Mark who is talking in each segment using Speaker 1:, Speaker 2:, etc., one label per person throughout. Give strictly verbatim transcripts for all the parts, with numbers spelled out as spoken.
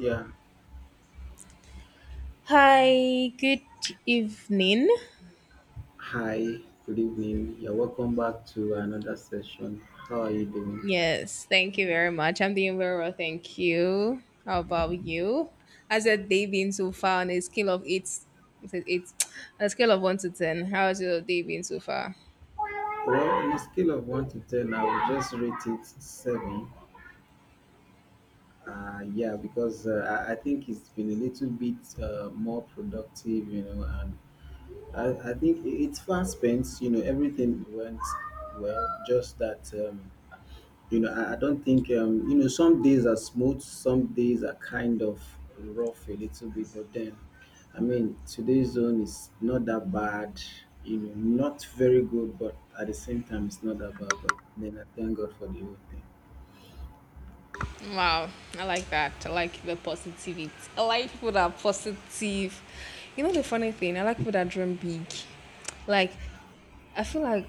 Speaker 1: Yeah,
Speaker 2: Hi, good evening.
Speaker 1: hi, good evening. You're welcome back to another session. How are you doing?
Speaker 2: Yes, thank you very much. I'm doing very well, thank you. How about you? How's your day been so far on a scale of eight, is it eight on a scale of one to ten? How's your day been so far?
Speaker 1: Well, on a scale of one to ten, I would just rate it seven. Uh, yeah, because uh, I, I think it's been a little bit uh, more productive, you know, and I, I think it- it's fast spent, you know, everything went well, just that. Um, You know, I, I don't think um, you know, some days are smooth, some days are kind of rough a little bit, but then I mean today's zone is not that bad, you know, not very good, but at the same time it's not that bad. But then I thank God for the whole thing.
Speaker 2: Wow, I like that. I like the positivity. I like people that are positive. You know the funny thing, I like people that dream big. Like I feel like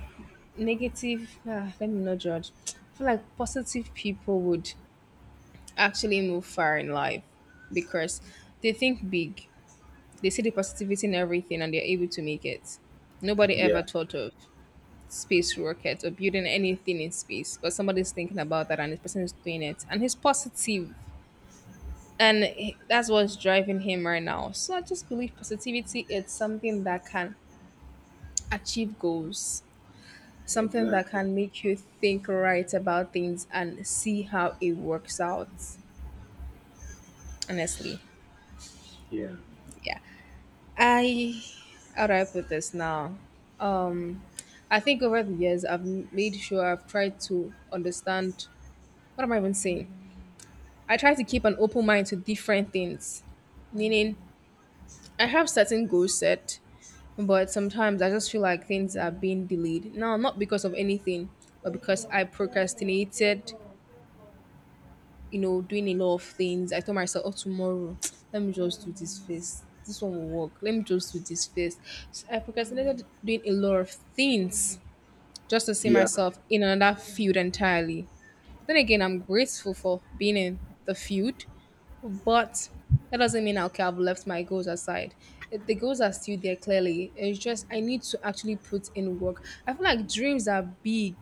Speaker 2: negative. Ah, let me not judge. I feel like positive people would actually move far in life because they think big, they see the positivity in everything, and they're able to make it. Nobody
Speaker 1: Yeah,
Speaker 2: ever thought of space rockets or building anything in space, but somebody's thinking about that, and this person is doing it, and he's positive, and he- that's what's driving him right now. So I just believe positivity is something that can achieve goals. Something that
Speaker 1: exactly.
Speaker 2: can make you think right about things and see how it works out. Honestly,
Speaker 1: Yeah.
Speaker 2: yeah. I how do I put this now? Um, I think over the years I've m- made sure I've tried to understand what am I even saying. I try to keep an open mind to different things, meaning I have certain goals set, but sometimes I just feel like things are being delayed. Now, not because of anything, but because I procrastinated you know, doing a lot of things. I told myself, oh, tomorrow, let me just do this first. This one will work. Let me just do this first. So I procrastinated doing a lot of things just to see
Speaker 1: Yeah.
Speaker 2: myself in another field entirely. But then again, I'm grateful for being in the field, but that doesn't mean okay, I've left my goals aside. It- The goals are still there clearly. It's just I need to actually put in work. I feel like dreams are big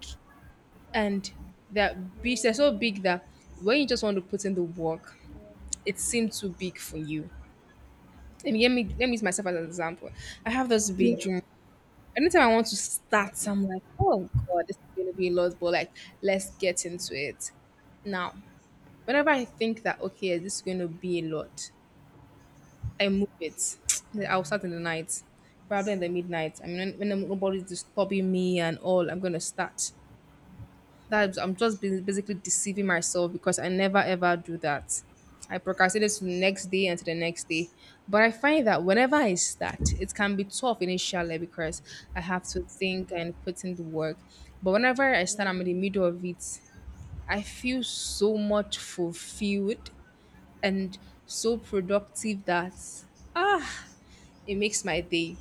Speaker 2: and that beach they're so big that when you just want to put in the work, it seems too big for you. And let me let me use myself as an example. I have this big
Speaker 1: Yeah.
Speaker 2: dream. Anytime I want to start, I'm like, oh god, this is gonna be a lot, but like let's get into it. Now, whenever I think that okay, this is gonna be a lot, I move it. I'll start in the night, probably in the midnight. I mean, when, when nobody's disturbing me and all, I'm gonna start. That's, I'm just bas- basically deceiving myself because I never ever do that. I procrastinate to the next day and to the next day. But I find that whenever I start, it can be tough initially because I have to think and put in the work. But whenever I start, I'm in the middle of it, I feel so much fulfilled and so productive that ah, it makes my day.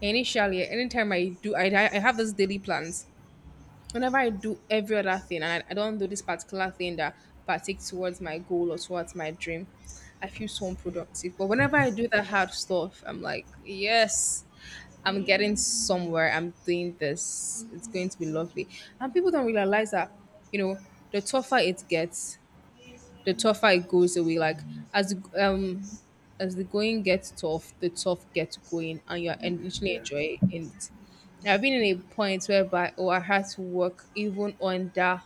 Speaker 2: Initially, anytime I do, I, I have those daily plans whenever I do every other thing and I, I don't do this particular thing that partakes towards my goal or towards my dream, I feel so unproductive. But whenever I do that hard stuff, I'm like, yes, I'm getting somewhere. I'm doing this. It's going to be lovely. And people don't realize that, you know, the tougher it gets, the tougher it goes away. Like as the- um as the going gets tough, the tough gets going, and you're en- literally
Speaker 1: Yeah.
Speaker 2: enjoying it. Now, I've been in a point whereby oh, I had to work even under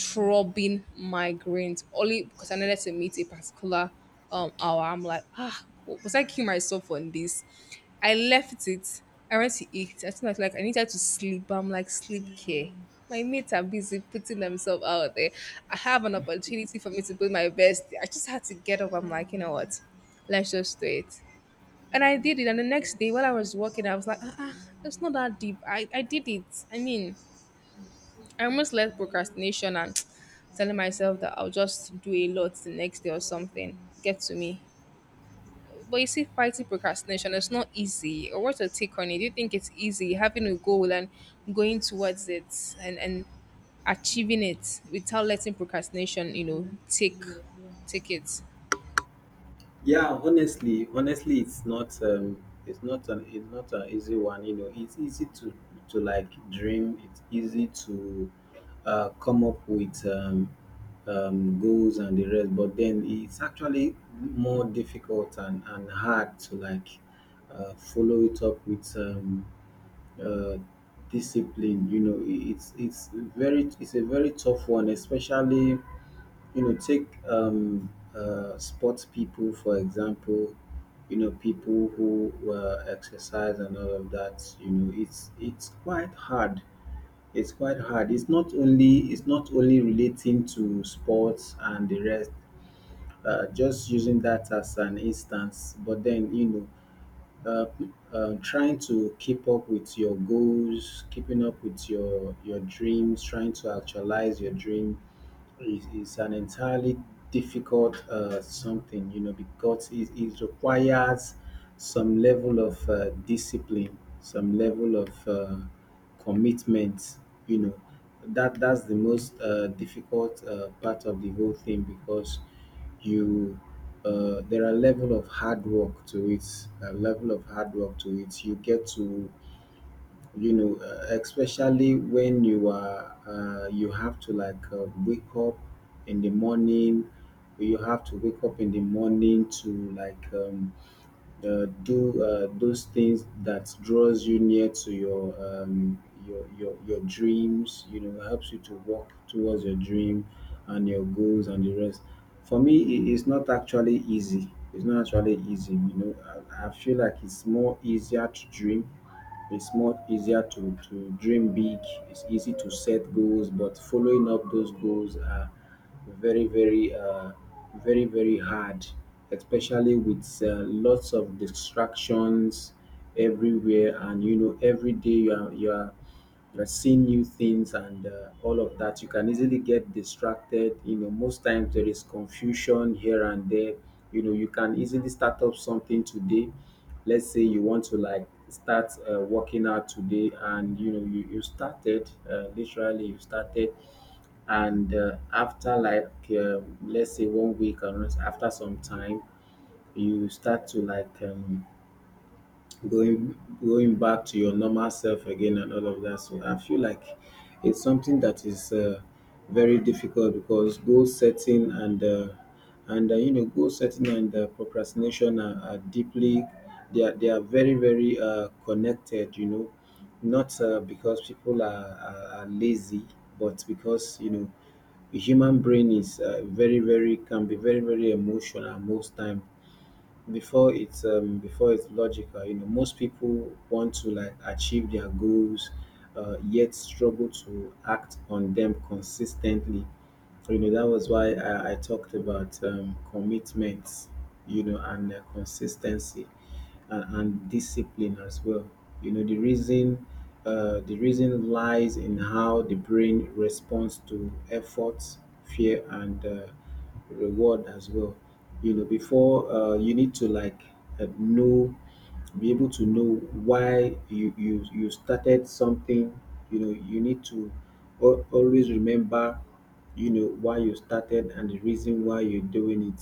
Speaker 2: throbbing migraines only because I needed to meet a particular um hour. I'm like, ah, was I killing myself on this? I left it. I went to eat. I think I was like, I needed to sleep. I'm like, sleep care. My mates are busy putting themselves out there. I have an opportunity for me to put my best. I just had to get up. I'm like, you know what? Let's just do it. And I did it. And the next day, while I was walking, I was like, ah, ah, it's not that deep. I, I did it. I mean, I almost let procrastination and telling myself that I'll just do a lot the next day or something get to me. But you see, fighting procrastination is not easy. Or what's your take on it? Do you think it's easy having a goal and going towards it and, and achieving it without letting procrastination, you know, take take it?
Speaker 1: Yeah, honestly, honestly, it's not um, it's not an it's not an easy one. You know, it's easy to to like dream. It's easy to uh, come up with um, um, goals and the rest, but then it's actually more difficult and and hard to like uh, follow it up with um, uh, discipline. You know, i- it's it's very it's a very tough one, especially you know take um, uh, sports people for example, you know, people who uh, exercise and all of that. You know, it's it's quite hard, it's quite hard it's not only it's not only relating to sports and the rest, uh, just using that as an instance. But then, you know, uh, uh, trying to keep up with your goals, keeping up with your your dreams, trying to actualize your dream is, is an entirely difficult uh, something, you know, because it, it requires some level of uh, discipline, some level of uh, commitment, you know. That, that's the most uh, difficult uh, part of the whole thing, because you uh, there are level of hard work to it, a level of hard work to it you get to, you know, uh, especially when you are uh, you have to like uh, wake up in the morning, you have to wake up in the morning to like um, uh, do uh, those things that draws you near to your um, your, your your dreams, you know, helps you to walk towards your dream and your goals and the rest. For me it is not actually easy, it's not actually easy you know, i, I feel like it's more easier to dream, it's much easier to, to dream big. It's easy to set goals, but following up those goals are very, very, uh, very, very hard, especially with uh, lots of distractions everywhere. And you know, every day you are, you are, you're seeing new things and uh, all of that, you can easily get distracted. You know, most times there is confusion here and there. You know, you can easily start up something today, let's say you want to like start uh, working out today, and you know you, you started, uh, literally you started, and uh, after like um, let's say one week or after some time, you start to like um, going going back to your normal self again and all of that. So I feel like it's something that is uh, very difficult, because goal setting and uh, and uh, you know goal setting and uh, procrastination are, are deeply, they are, they are very very uh, connected. You know, not uh, because people are, are, are lazy, but because, you know, the human brain is uh, very very can be very very emotional most time before it's um before it's logical. You know, most people want to like achieve their goals, uh, yet struggle to act on them consistently. You know, that was why i, I talked about um, commitment, you know, and uh, consistency, and, and discipline as well. You know the reason, uh, the reason lies in how the brain responds to effort, fear and uh, reward as well. You know, before, uh, you need to like uh, know, be able to know why you you you started something. You know, you need to al- always remember, you know, why you started and the reason why you're doing it.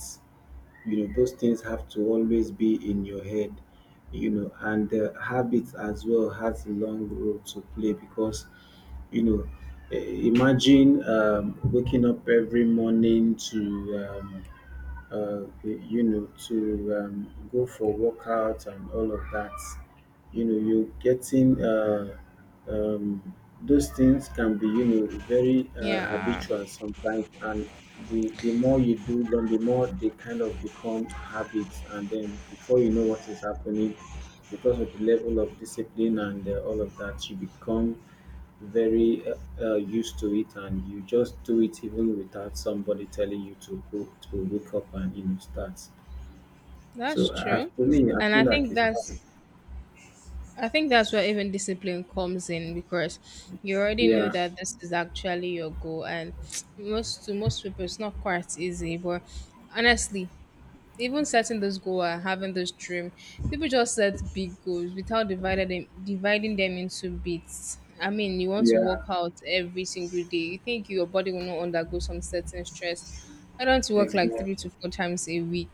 Speaker 1: You know, those things have to always be in your head, you know, and uh, habits as well has a long role to play, because you know, eh, imagine um, waking up every morning to um, uh, you know, to um, go for workouts and all of that. You know, you are getting uh, um, those things can be, you know, very uh,
Speaker 2: Yeah,
Speaker 1: habitual sometimes, and the the more you do them, the more they kind of become habits, and then before you know what is happening, because of the level of discipline and uh, all of that, you become very uh, uh, used to it, and you just do it even without somebody telling you to go to wake up and you know start. So
Speaker 2: that's
Speaker 1: uh,
Speaker 2: true.
Speaker 1: for me I
Speaker 2: And
Speaker 1: feel
Speaker 2: I
Speaker 1: like
Speaker 2: think
Speaker 1: it's hard,
Speaker 2: that's I think that's where even discipline comes in because you already know
Speaker 1: yeah.
Speaker 2: that this is actually your goal, and most to most people it's not quite easy. But honestly, even setting those goal and having this dream, people just set big goals without dividing them dividing them into bits. I mean, you want to work
Speaker 1: Yeah,
Speaker 2: out every single day. You think your body will not undergo some certain stress. I don't want to work like
Speaker 1: exactly.
Speaker 2: three to four times a week.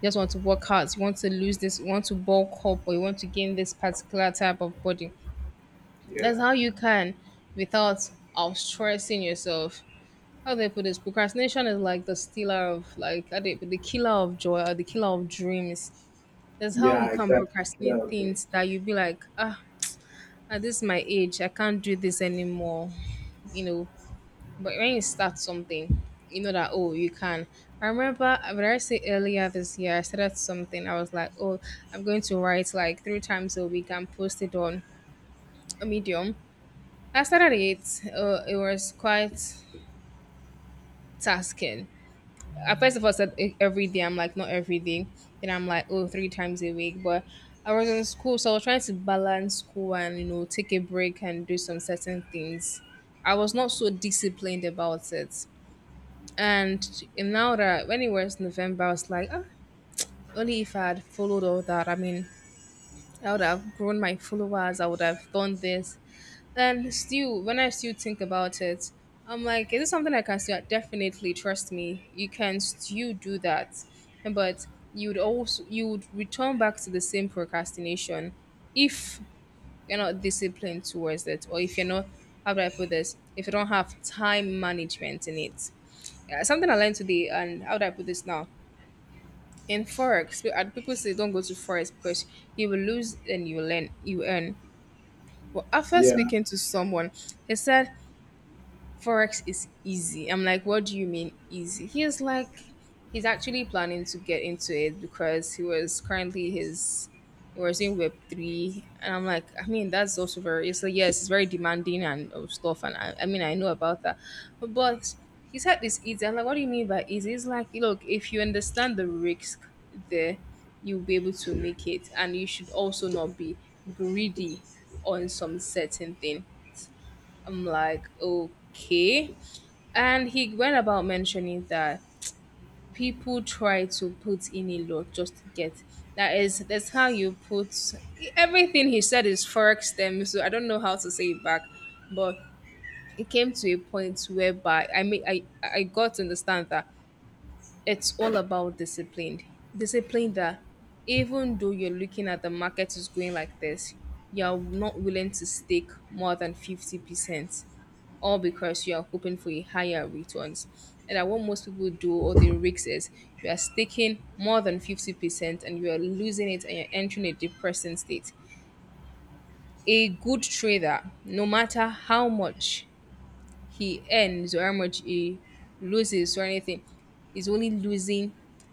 Speaker 2: You just want to work out. You want to lose this. You want to bulk up, or you want to gain this particular type of body.
Speaker 1: Yeah,
Speaker 2: That's how you can, without of stressing yourself. How do they put this? Procrastination is like the stealer of, like, how do they put the killer of joy or the killer of dreams. That's how you
Speaker 1: yeah,
Speaker 2: can
Speaker 1: exactly.
Speaker 2: procrastinate
Speaker 1: Killer of dreams.
Speaker 2: things that you be like, ah, at this my age, I can't do this anymore. You know, but when you start something, you know that oh you can. I remember uh, what did I say earlier this year, I started something. I was like, oh, I'm going to write like three times a week and post it on a medium. I started it. Uh, it was quite tasking. At first of all, said e- every day. I'm like not every day. Then I'm like oh three times a week. But I was in school, so I was trying to balance school and you know take a break and do some certain things. I was not so disciplined about it. And in- now that when it was November, I was like, ah, only if I had followed all that. I mean, I would have grown my followers. I would have done this. And still, when I still think about it, I'm like, is this something I can still definitely trust me? You can still do that, but you would also you would return back to the same procrastination if you're not disciplined towards it, or if you're not how do I put this? If you don't have time management in it uh, something I learned today, and how do I put this now? In forex, pe- uh, people say don't go to forex because you will lose and you will learn, you earn. But after
Speaker 1: Yeah,
Speaker 2: speaking to someone, he said Forex is easy. I'm like, what do you mean easy? He was like, he's actually planning to get into it because he was currently his, he was in Web three, and I'm like, I mean, that's also very. It's like yes, it's very demanding and uh, stuff, and I, I mean, I know about that, but, but he said this easy. I'm like, what do you mean by easy? It's like, look, if you understand the risk there, you'll be able to make it, and you should also not be greedy on some certain thing. I'm like, okay. And he went about mentioning that people try to put in a lot just to get. That is, that's how you put everything he said is forex them. So I don't know how to say it back, but it came to a point whereby I mean I I got to understand that it's all about discipline. Discipline that even though you're looking at the market is going like this, you're not willing to stake more than fifty percent all because you are hoping for a higher returns. And that what most people do or they risk is you are staking more than fifty percent and you are losing it and you're entering a depressing state. A good trader, no matter how much he earns or how much he loses or anything, is only losing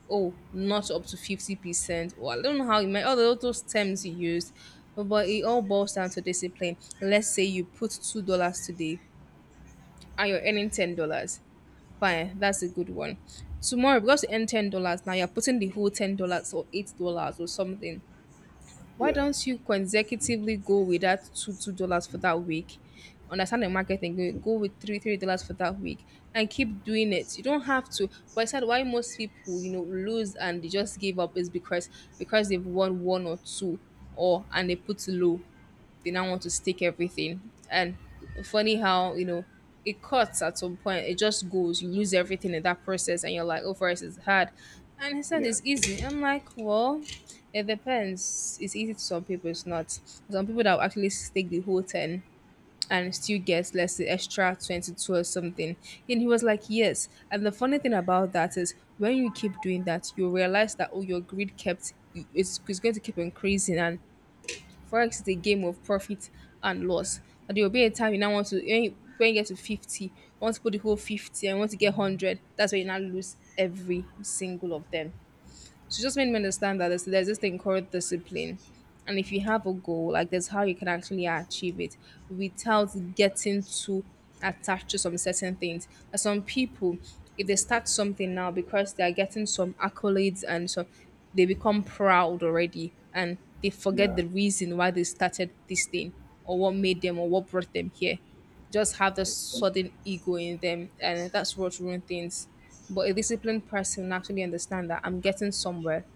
Speaker 2: oh not up to fifty percent or I don't know how you might all those those terms he used but but it all boils down to discipline. Let's say you put two dollars today and you're earning ten dollars. Fine, that's a good one. Tomorrow, because you earn ten dollars now, you're putting the whole ten dollars or eight dollars or something. Why
Speaker 1: yeah,
Speaker 2: don't you consecutively go with that two two dollars for that week? Understand the marketing. Go go with three three dollars for that week and keep doing it. You don't have to. But I said why most people you know lose and they just give up is because because they've won one or two or and they put low, they now want to stake everything. And funny how, you know, it cuts at some point. It just goes. You lose everything in that process and you're like, oh, for us it's hard. And he said it's easy. I'm like, well, it depends. It's easy to some people, it's not. Some people that will actually stake the whole ten and still get, let's say, extra twenty-two or something. And he was like, yes. And the funny thing about that is when you keep doing that, you realize that, oh, your greed kept, it's, it's going to keep increasing. And Forex is a game of profit and loss. And there will be a time you now want to, when you, when you get to fifty, you want to put the whole fifty and you want to get one hundred. That's where you now lose every single of them. She just made me understand that there's, there's this thing called discipline. And if you have a goal, like there's how you can actually achieve it without getting too attached to some certain things. And some people, if they start something now because they are getting some accolades and so they become proud already and they forget the reason why they started this thing, or what made them, or what brought them here, just have this sudden ego in them, and that's what ruins things. But a disciplined person actually understand that I'm getting somewhere.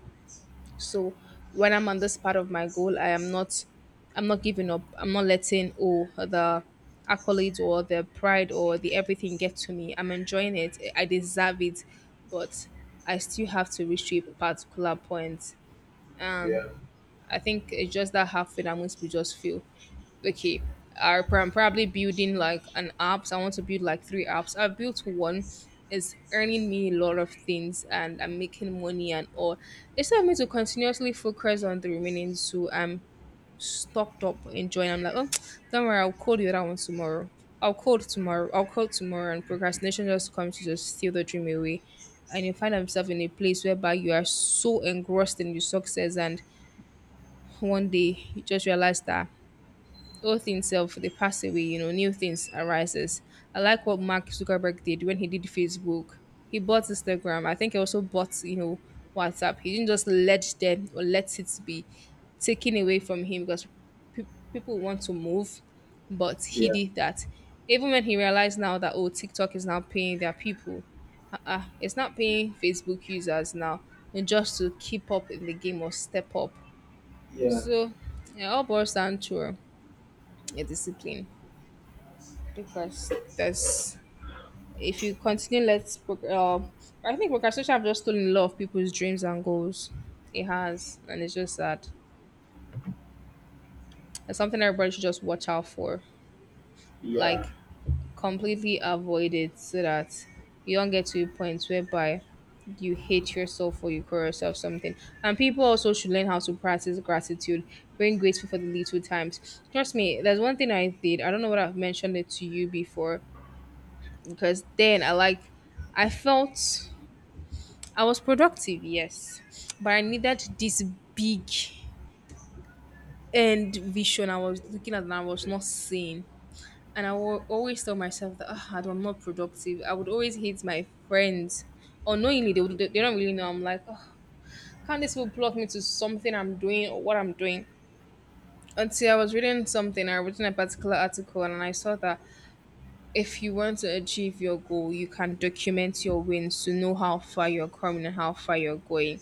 Speaker 2: So when I'm on this part of my goal, I am not, I'm not giving up. I'm not letting oh the accolades or the pride or the everything get to me. I'm enjoying it. I deserve it, but I still have to reach to a particular point. I think it's just that halfway that most people just feel okay. I prob- I'm probably building like an apps. I want to build like three apps. I've built one. It's earning me a lot of things and I'm making money and all. It's time me to continuously focus on the remaining two. I'm stocked up enjoying. I'm like, oh, don't worry, I'll code the other one tomorrow. I'll code tomorrow. I'll code tomorrow. And procrastination just comes to just steal the dream away. And you find yourself in a place whereby you are so engrossed in your success and one day you just realize that old things self they pass away, you know new things arises. I like what Mark Zuckerberg did when he did Facebook. He bought Instagram. I think he also bought, you know WhatsApp. He didn't just let them or let it be taken away from him because pe- people want to move, but he
Speaker 1: yeah,
Speaker 2: did that. Even when he realized now that oh TikTok is now paying their people, uh-uh, it's not paying Facebook users now, and just to keep up in the game or step up.
Speaker 1: yeah,
Speaker 2: So yeah, all boils down to a discipline. Because there's, if you continue, let's proc- uh, I think procrastination have just stolen a lot of people's dreams and goals. It has, and it's just sad. It's something everybody should just watch out for.
Speaker 1: yeah,
Speaker 2: Like, completely avoid it so that you don't get to a point whereby you hate yourself or you call yourself something. And people also should learn how to practice gratitude, being grateful for the little times. Trust me, there's one thing I did, I don't know what, I've mentioned it to you before. Because then I like, I felt I was productive, yes, but I needed this big end vision I was looking at and I was not seeing. And I will always tell myself that, "Ah, I'm not productive." I would always hate my friends. Unknowingly, they would, they don't really know. I'm like, oh, can't this will plug me to something I'm doing or what I'm doing? Until I was reading something, I was reading a particular article and I saw that if you want to achieve your goal, you can document your wins to know how far you're coming and how far you're going.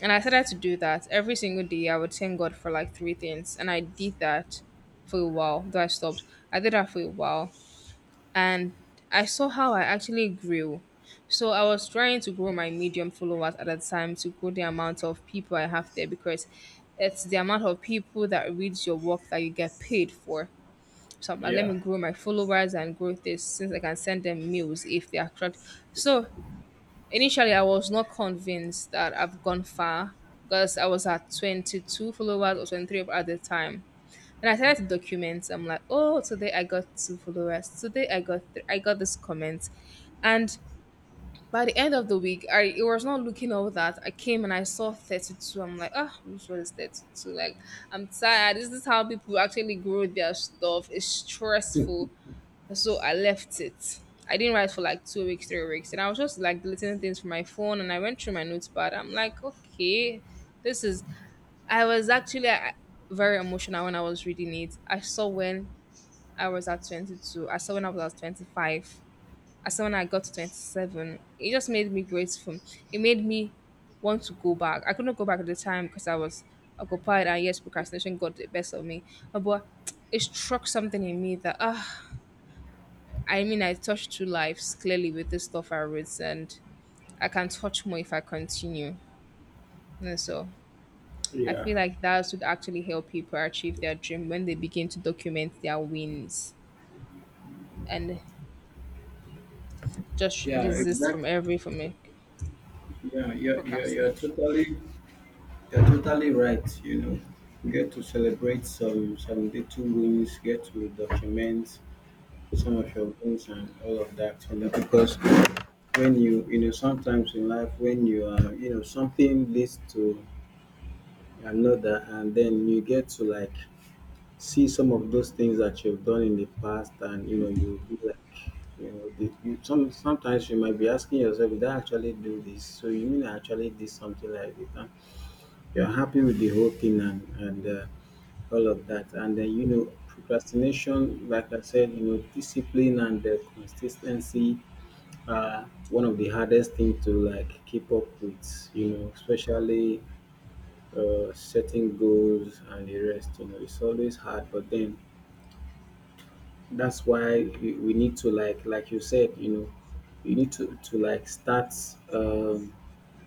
Speaker 2: And I started to do that every single day. I would thank God for like three things, and I did that for a while. Though I stopped, I did that for a while, and I saw how I actually grew. So I was trying to grow my medium followers at that time, to grow the amount of people I have there, because it's the amount of people that reads your work that you get paid for. So I'm like, let
Speaker 1: yeah,
Speaker 2: me grow my followers and grow this since I can send them meals if they are crowd. So initially, I was not convinced that I've gone far because I was at twenty-two followers or twenty-three at the time. And I started to document. I'm like, oh, today I got two followers. Today I got th- I got this comment. And by the end of the week, I, it was not looking all that. I came and I saw thirty-two. I'm like, ah, which one is thirty-two? Like, I'm tired. This is how people actually grow their stuff. It's stressful. So I left it. I didn't write for like two weeks, three weeks, and I was just like deleting things from my phone. And I went through my notepad. I'm like, okay, this is. I was actually uh, very emotional when I was reading it. I saw when I was at twenty-two. I saw when I was at twenty-five. I saw when I got to twenty-seven. It just made me grateful. It made me want to go back. I couldn't go back at the time because I was occupied, and yes, procrastination got the best of me. Uh, But it struck something in me that, ah, I mean, I touched two lives clearly with this stuff I wrote, and I can touch more if I continue. And so I
Speaker 1: yeah,
Speaker 2: feel like that would actually help people achieve their dream when they begin to document their wins and just
Speaker 1: yeah,
Speaker 2: desist from
Speaker 1: exactly.
Speaker 2: every form of
Speaker 1: Yeah, you're, you're, you're
Speaker 2: procrastination.
Speaker 1: totally, you're totally right. You know, get to celebrate some some little wins. Get to document some of your goals and all of that, you know, because when you you know, sometimes in life when you are, you know, something leads to another, and then you get to like see some of those things that you've done in the past, and you know you be like, you know, the, you some sometimes you might be asking yourself, did I actually do this? So you mean I actually did something like this? You're happy with the whole thing, and, and uh, all of that. And then, you know, procrastination, like I said, you know, discipline and uh, consistency are one of the hardest thing to like keep up with, you know, especially uh, setting goals and the rest. You know, it's always hard. But then that's why we we need to like, like you said, you know, you need to, to like start um,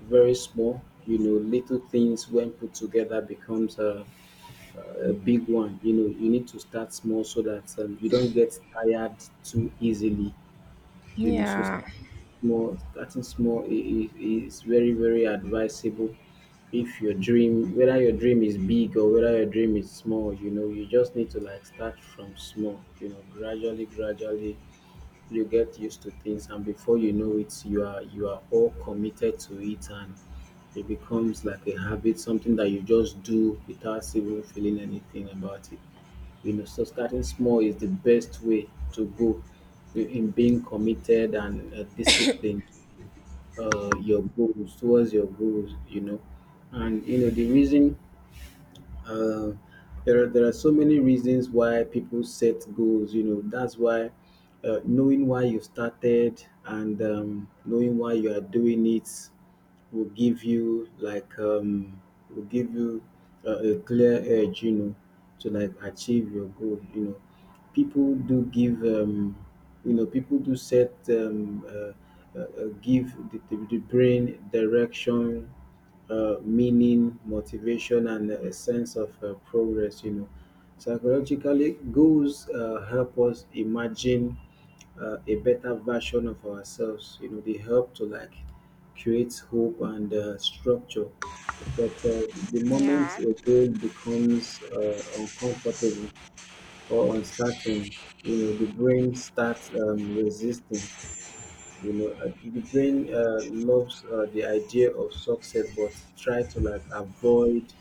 Speaker 1: very small. You know, little things when put together becomes uh, a big one. You know, you need to start small so that um, you don't get tired too easily. You know, so
Speaker 2: Yeah.
Speaker 1: starting small, starting small i- i- is very very advisable. If your dream, whether your dream is big or whether your dream is small, you know, you just need to like start from small. You know, gradually, gradually you get used to things, and before you know it you are you are all committed to it, and it becomes like a habit, something that you just do without even feeling anything about it. You know, so starting small is the best way to go in being committed and uh, disciplined, uh, your goals towards your goals, you know. And you know the reason, uh, there are there are so many reasons why people set goals. You know, that's why uh, knowing why you started and um, knowing why you are doing it will give you like um, will give you uh, a clear edge. You know, to like achieve your goal. You know, people do give um, you know people do set um, uh, uh, uh, give the, the, the brain direction, uh, meaning, motivation, and a sense of uh, progress. You know, psychologically, goals uh, help us imagine uh, a better version of ourselves. You know, they help to like create hope and uh, structure. But uh, the moment
Speaker 2: Yeah.
Speaker 1: a goal becomes uh, uncomfortable or uncertain, you know, the brain starts um, resisting. You know, uh, the brain uh, loves uh, the idea of success, but try to like avoid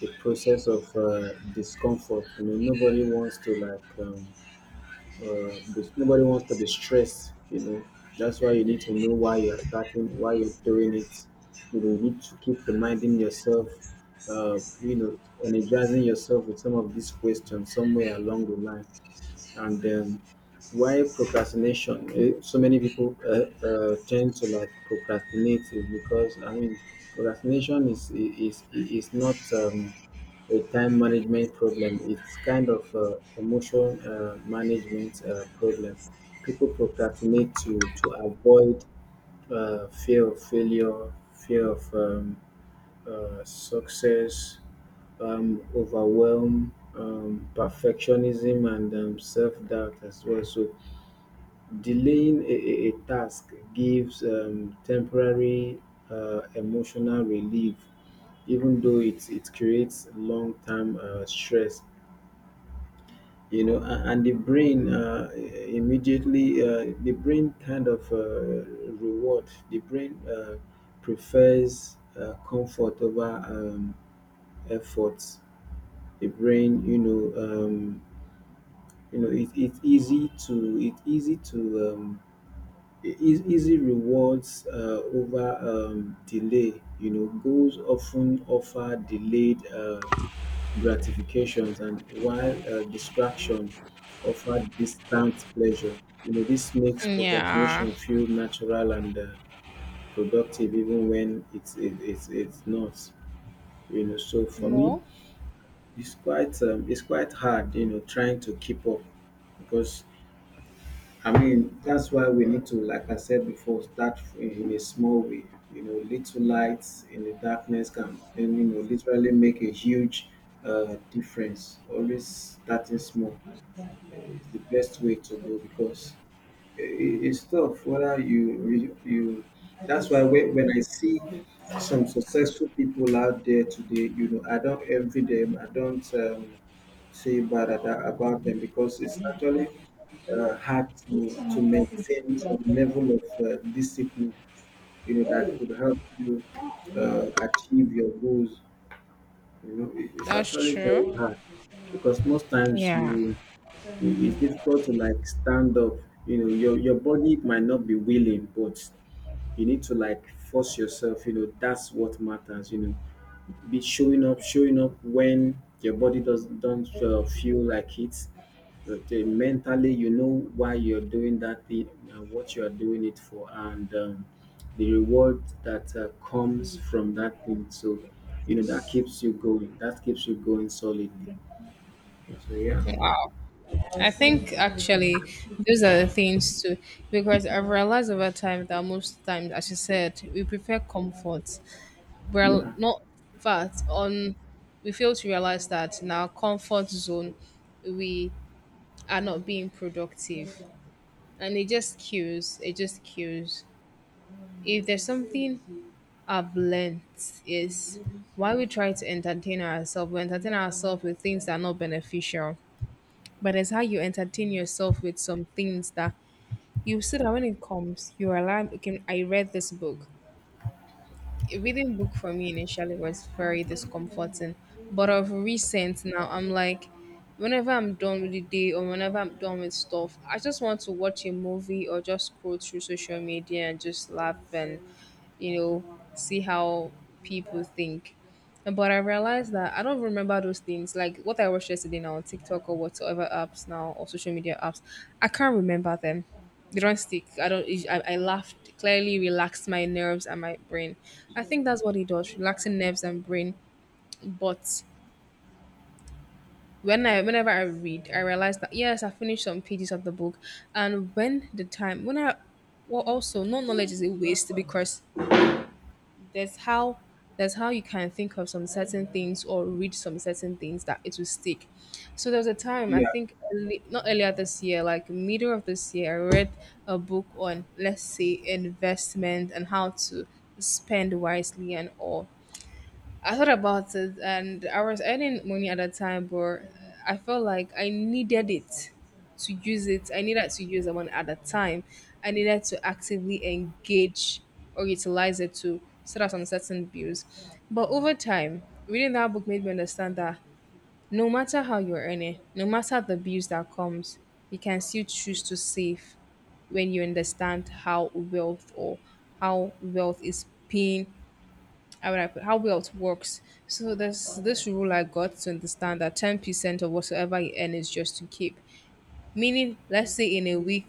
Speaker 1: the process of uh, discomfort. You know, nobody wants to like um, uh, bes- nobody wants to be stressed, you know. That's why you need to know why you're starting, why you're doing it. You know, you need to keep reminding yourself, uh, you know, energizing yourself with some of these questions somewhere along the line. And um, why procrastination? Eh, So many people uh, uh, tend to like procrastinate, is because I mean, procrastination is is is is not. Um, a time management problem. It's kind of uh, emotion uh, management uh, problem. People procrastinate to to avoid uh, fear of failure, fear of um, uh, success, um, overwhelm, um, perfectionism, and um, self doubt as well. So delaying a, a, a task gives um, temporary uh, emotional relief, even though it, it creates long term uh, stress. You know, and, and the brain, uh, immediately, uh, the brain kind of uh, reward, the brain uh, prefers uh, comfort over um, efforts. The brain, you know, um, you know, it, it's easy to, it's easy to um, Eas easy rewards uh, over um, delay. You know, goals often offer delayed uh, gratifications, and while uh, distraction offer distant pleasure. You know, this makes
Speaker 2: Yeah.
Speaker 1: procrastination feel natural and uh, productive, even when it's it, it's it's not. You know, so for me,
Speaker 2: More.
Speaker 1: it's quite um, it's quite hard. You know, trying to keep up, because I mean, that's why we need to, like I said before, start in in a small way. You know, little lights in the darkness can, and you know, literally make a huge uh, difference. Always starting small. It's the best way to go, because i- i- it's tough, whether you re- you that's why when, when I see some successful people out there today, you know, I don't envy them, I don't um, say bad at- about them, because it's actually uh, hard to to maintain some level of uh, discipline, you know, that could help you uh, achieve your goals. You know, it- it's
Speaker 2: That's
Speaker 1: actually very
Speaker 2: true.
Speaker 1: hard, because most times
Speaker 2: Yeah.
Speaker 1: you, you, it's difficult to like stand up. You know, your your body might not be willing, but you need to like force yourself. You know, that's what matters. You know, be showing up, showing up when your body does don't uh, feel like it, but uh, mentally you know why you're doing that thing and what you are doing it for, and um, the reward that uh, comes from that thing. So you know that keeps you going, that keeps you going solidly. So yeah,
Speaker 2: Wow. I think actually those are the things too, because I've realized over time that most times, as you said, we prefer comfort. We're
Speaker 1: yeah.
Speaker 2: not in, on, we fail to realize that in our comfort zone we are not being productive, and it just kills, it just kills. If there's something I've learned is, why we try to entertain ourselves, we entertain ourselves with things that are not beneficial. But it's how you entertain yourself with some things that you see, that when it comes you are like, okay, I read this book. Reading book for me initially was very discomforting, but of recent now I'm like, whenever I'm done with the day or whenever I'm done with stuff, I just want to watch a movie or just scroll through social media and just laugh and, you know, see how people think. But I realized that I don't remember those things. Like what I watched yesterday now on TikTok or whatsoever apps now or social media apps, I can't remember them. They don't stick. I don't. I, I laughed. Clearly, relaxed my nerves and my brain. I think that's what it does, relaxing nerves and brain. But when I, whenever I read, I realize that yes, I finished some pages of the book, and when the time, when I, well, also, no knowledge is a waste because there's how, there's how you can think of some certain things or read some certain things that it will stick. So there was a time, I
Speaker 1: Yeah.
Speaker 2: think early, not earlier this year, like middle of this year, I read a book on, let's say, investment and how to spend wisely and all. I thought about it and I was earning money at that time, but I felt like I needed it to use it. I needed to use the money at that time. I needed to actively engage or utilize it to set out some certain bills. But over time, reading that book made me understand that no matter how you're earning, no matter the bills that comes, you can still choose to save when you understand how wealth or how wealth is paying, how would I put, how wealth works. So there's this rule I got to understand that ten percent of whatsoever you earn is just to keep. Meaning, let's say in a week,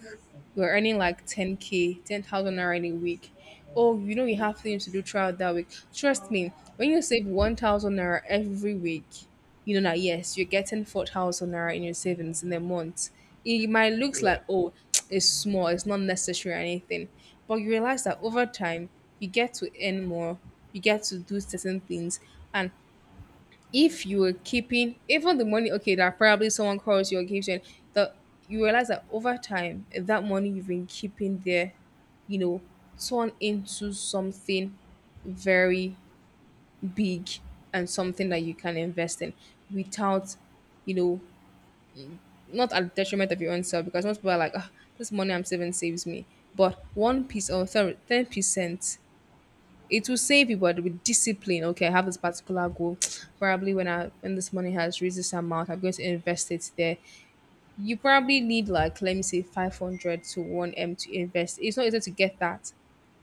Speaker 2: you're earning like ten k, ten thousand naira in a week. Oh, you know, you have things to do throughout that week. Trust me, when you save one thousand naira every week, you know that yes, you're getting four thousand naira in your savings in a month. It might looks
Speaker 1: Yeah.
Speaker 2: like, oh, it's small, it's not necessary or anything. But you realize that over time, you get to earn more, you get to do certain things. And if you were keeping even the money, okay, that probably someone calls you or gives you an- the, you realize that over time that money you've been keeping there, you know, turn into something very big, and something that you can invest in without, you know, not at the detriment of your own self. Because most people are like, oh, this money I'm saving saves me, but one piece, or sorry, ten percent, it will save you, but with discipline. Okay, I have this particular goal. Probably when I, when this money has reached this amount, I'm going to invest it there. You probably need like, let me say, five hundred to one m to invest. It's not easy to get that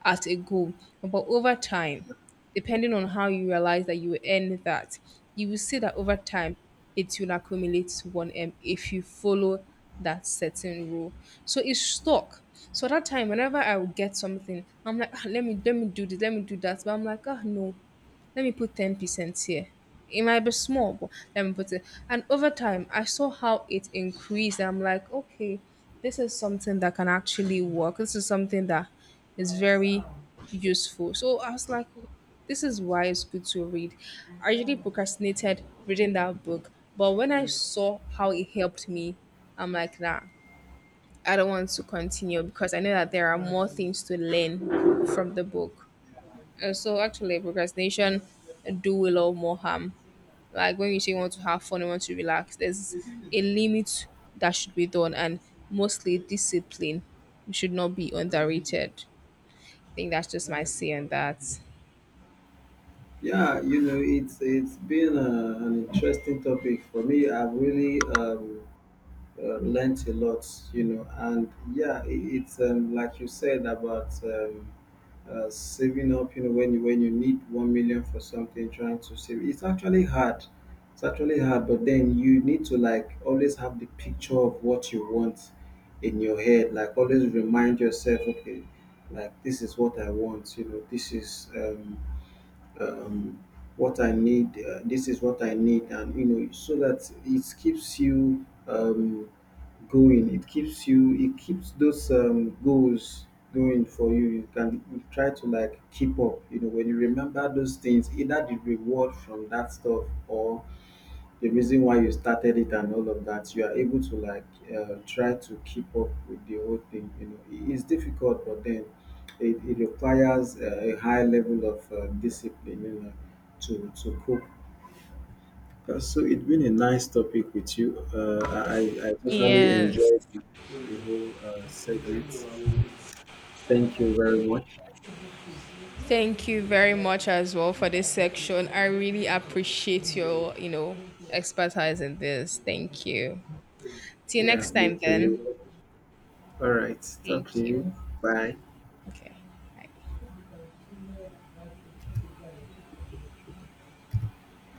Speaker 2: at a goal, but over time, depending on how you realize that you will earn that, you will see that over time, it will accumulate to one m if you follow that certain rule. So it's stuck. So that time whenever I would get something, I'm like, "Ah, let me, let me do this, let me do that," but I'm like, ah, no, let me put ten percent here. It might be small, but let me put it. And over time, I saw how it increased. I'm like, okay, this is something that can actually work. This is something that is very useful. So I was like, this is why it's good to read. I usually procrastinated reading that book, but when I saw how it helped me, I'm like, nah, I don't want to continue because I know that there are more things to learn from the book. Uh, so actually, procrastination do a lot more harm. Like when you say you want to have fun, you want to relax, there's a limit that should be done, and mostly discipline should not be underrated. I think that's just my say on that.
Speaker 1: Yeah, you know, it's it's been uh, an interesting topic for me. I've really um, uh, learnt a lot, you know, and yeah, it, it's um, like you said about um, uh, saving up. You know, when you, when you need one million for something, trying to save, it's actually hard. It's actually hard, but then you need to like always have the picture of what you want in your head. Like always remind yourself, okay, like this is what I want. You know, this is. Um, um, what I need, uh, this is what I need, and you know, so that it keeps you um, going. It keeps you, it keeps those um, goals going for you. You can you try to like keep up. You know, when you remember those things, either the reward from that stuff or the reason why you started it and all of that, you are able to like uh, try to keep up with the whole thing. You know, it's difficult, but then it, it requires uh, a high level of uh, discipline, you know, to to cope. Uh, so it's been a nice topic with you. Uh, I I I totally
Speaker 2: Yes,
Speaker 1: enjoyed the whole uh, segment. Thank you very much.
Speaker 2: thank you very much as well for this section. I really appreciate your, you know, expertise in this. Thank you. See you
Speaker 1: Yeah,
Speaker 2: next
Speaker 1: me
Speaker 2: time
Speaker 1: too. You.
Speaker 2: then.
Speaker 1: All right. Talk to
Speaker 2: Thank you.
Speaker 1: you. Bye.
Speaker 2: Okay. Bye.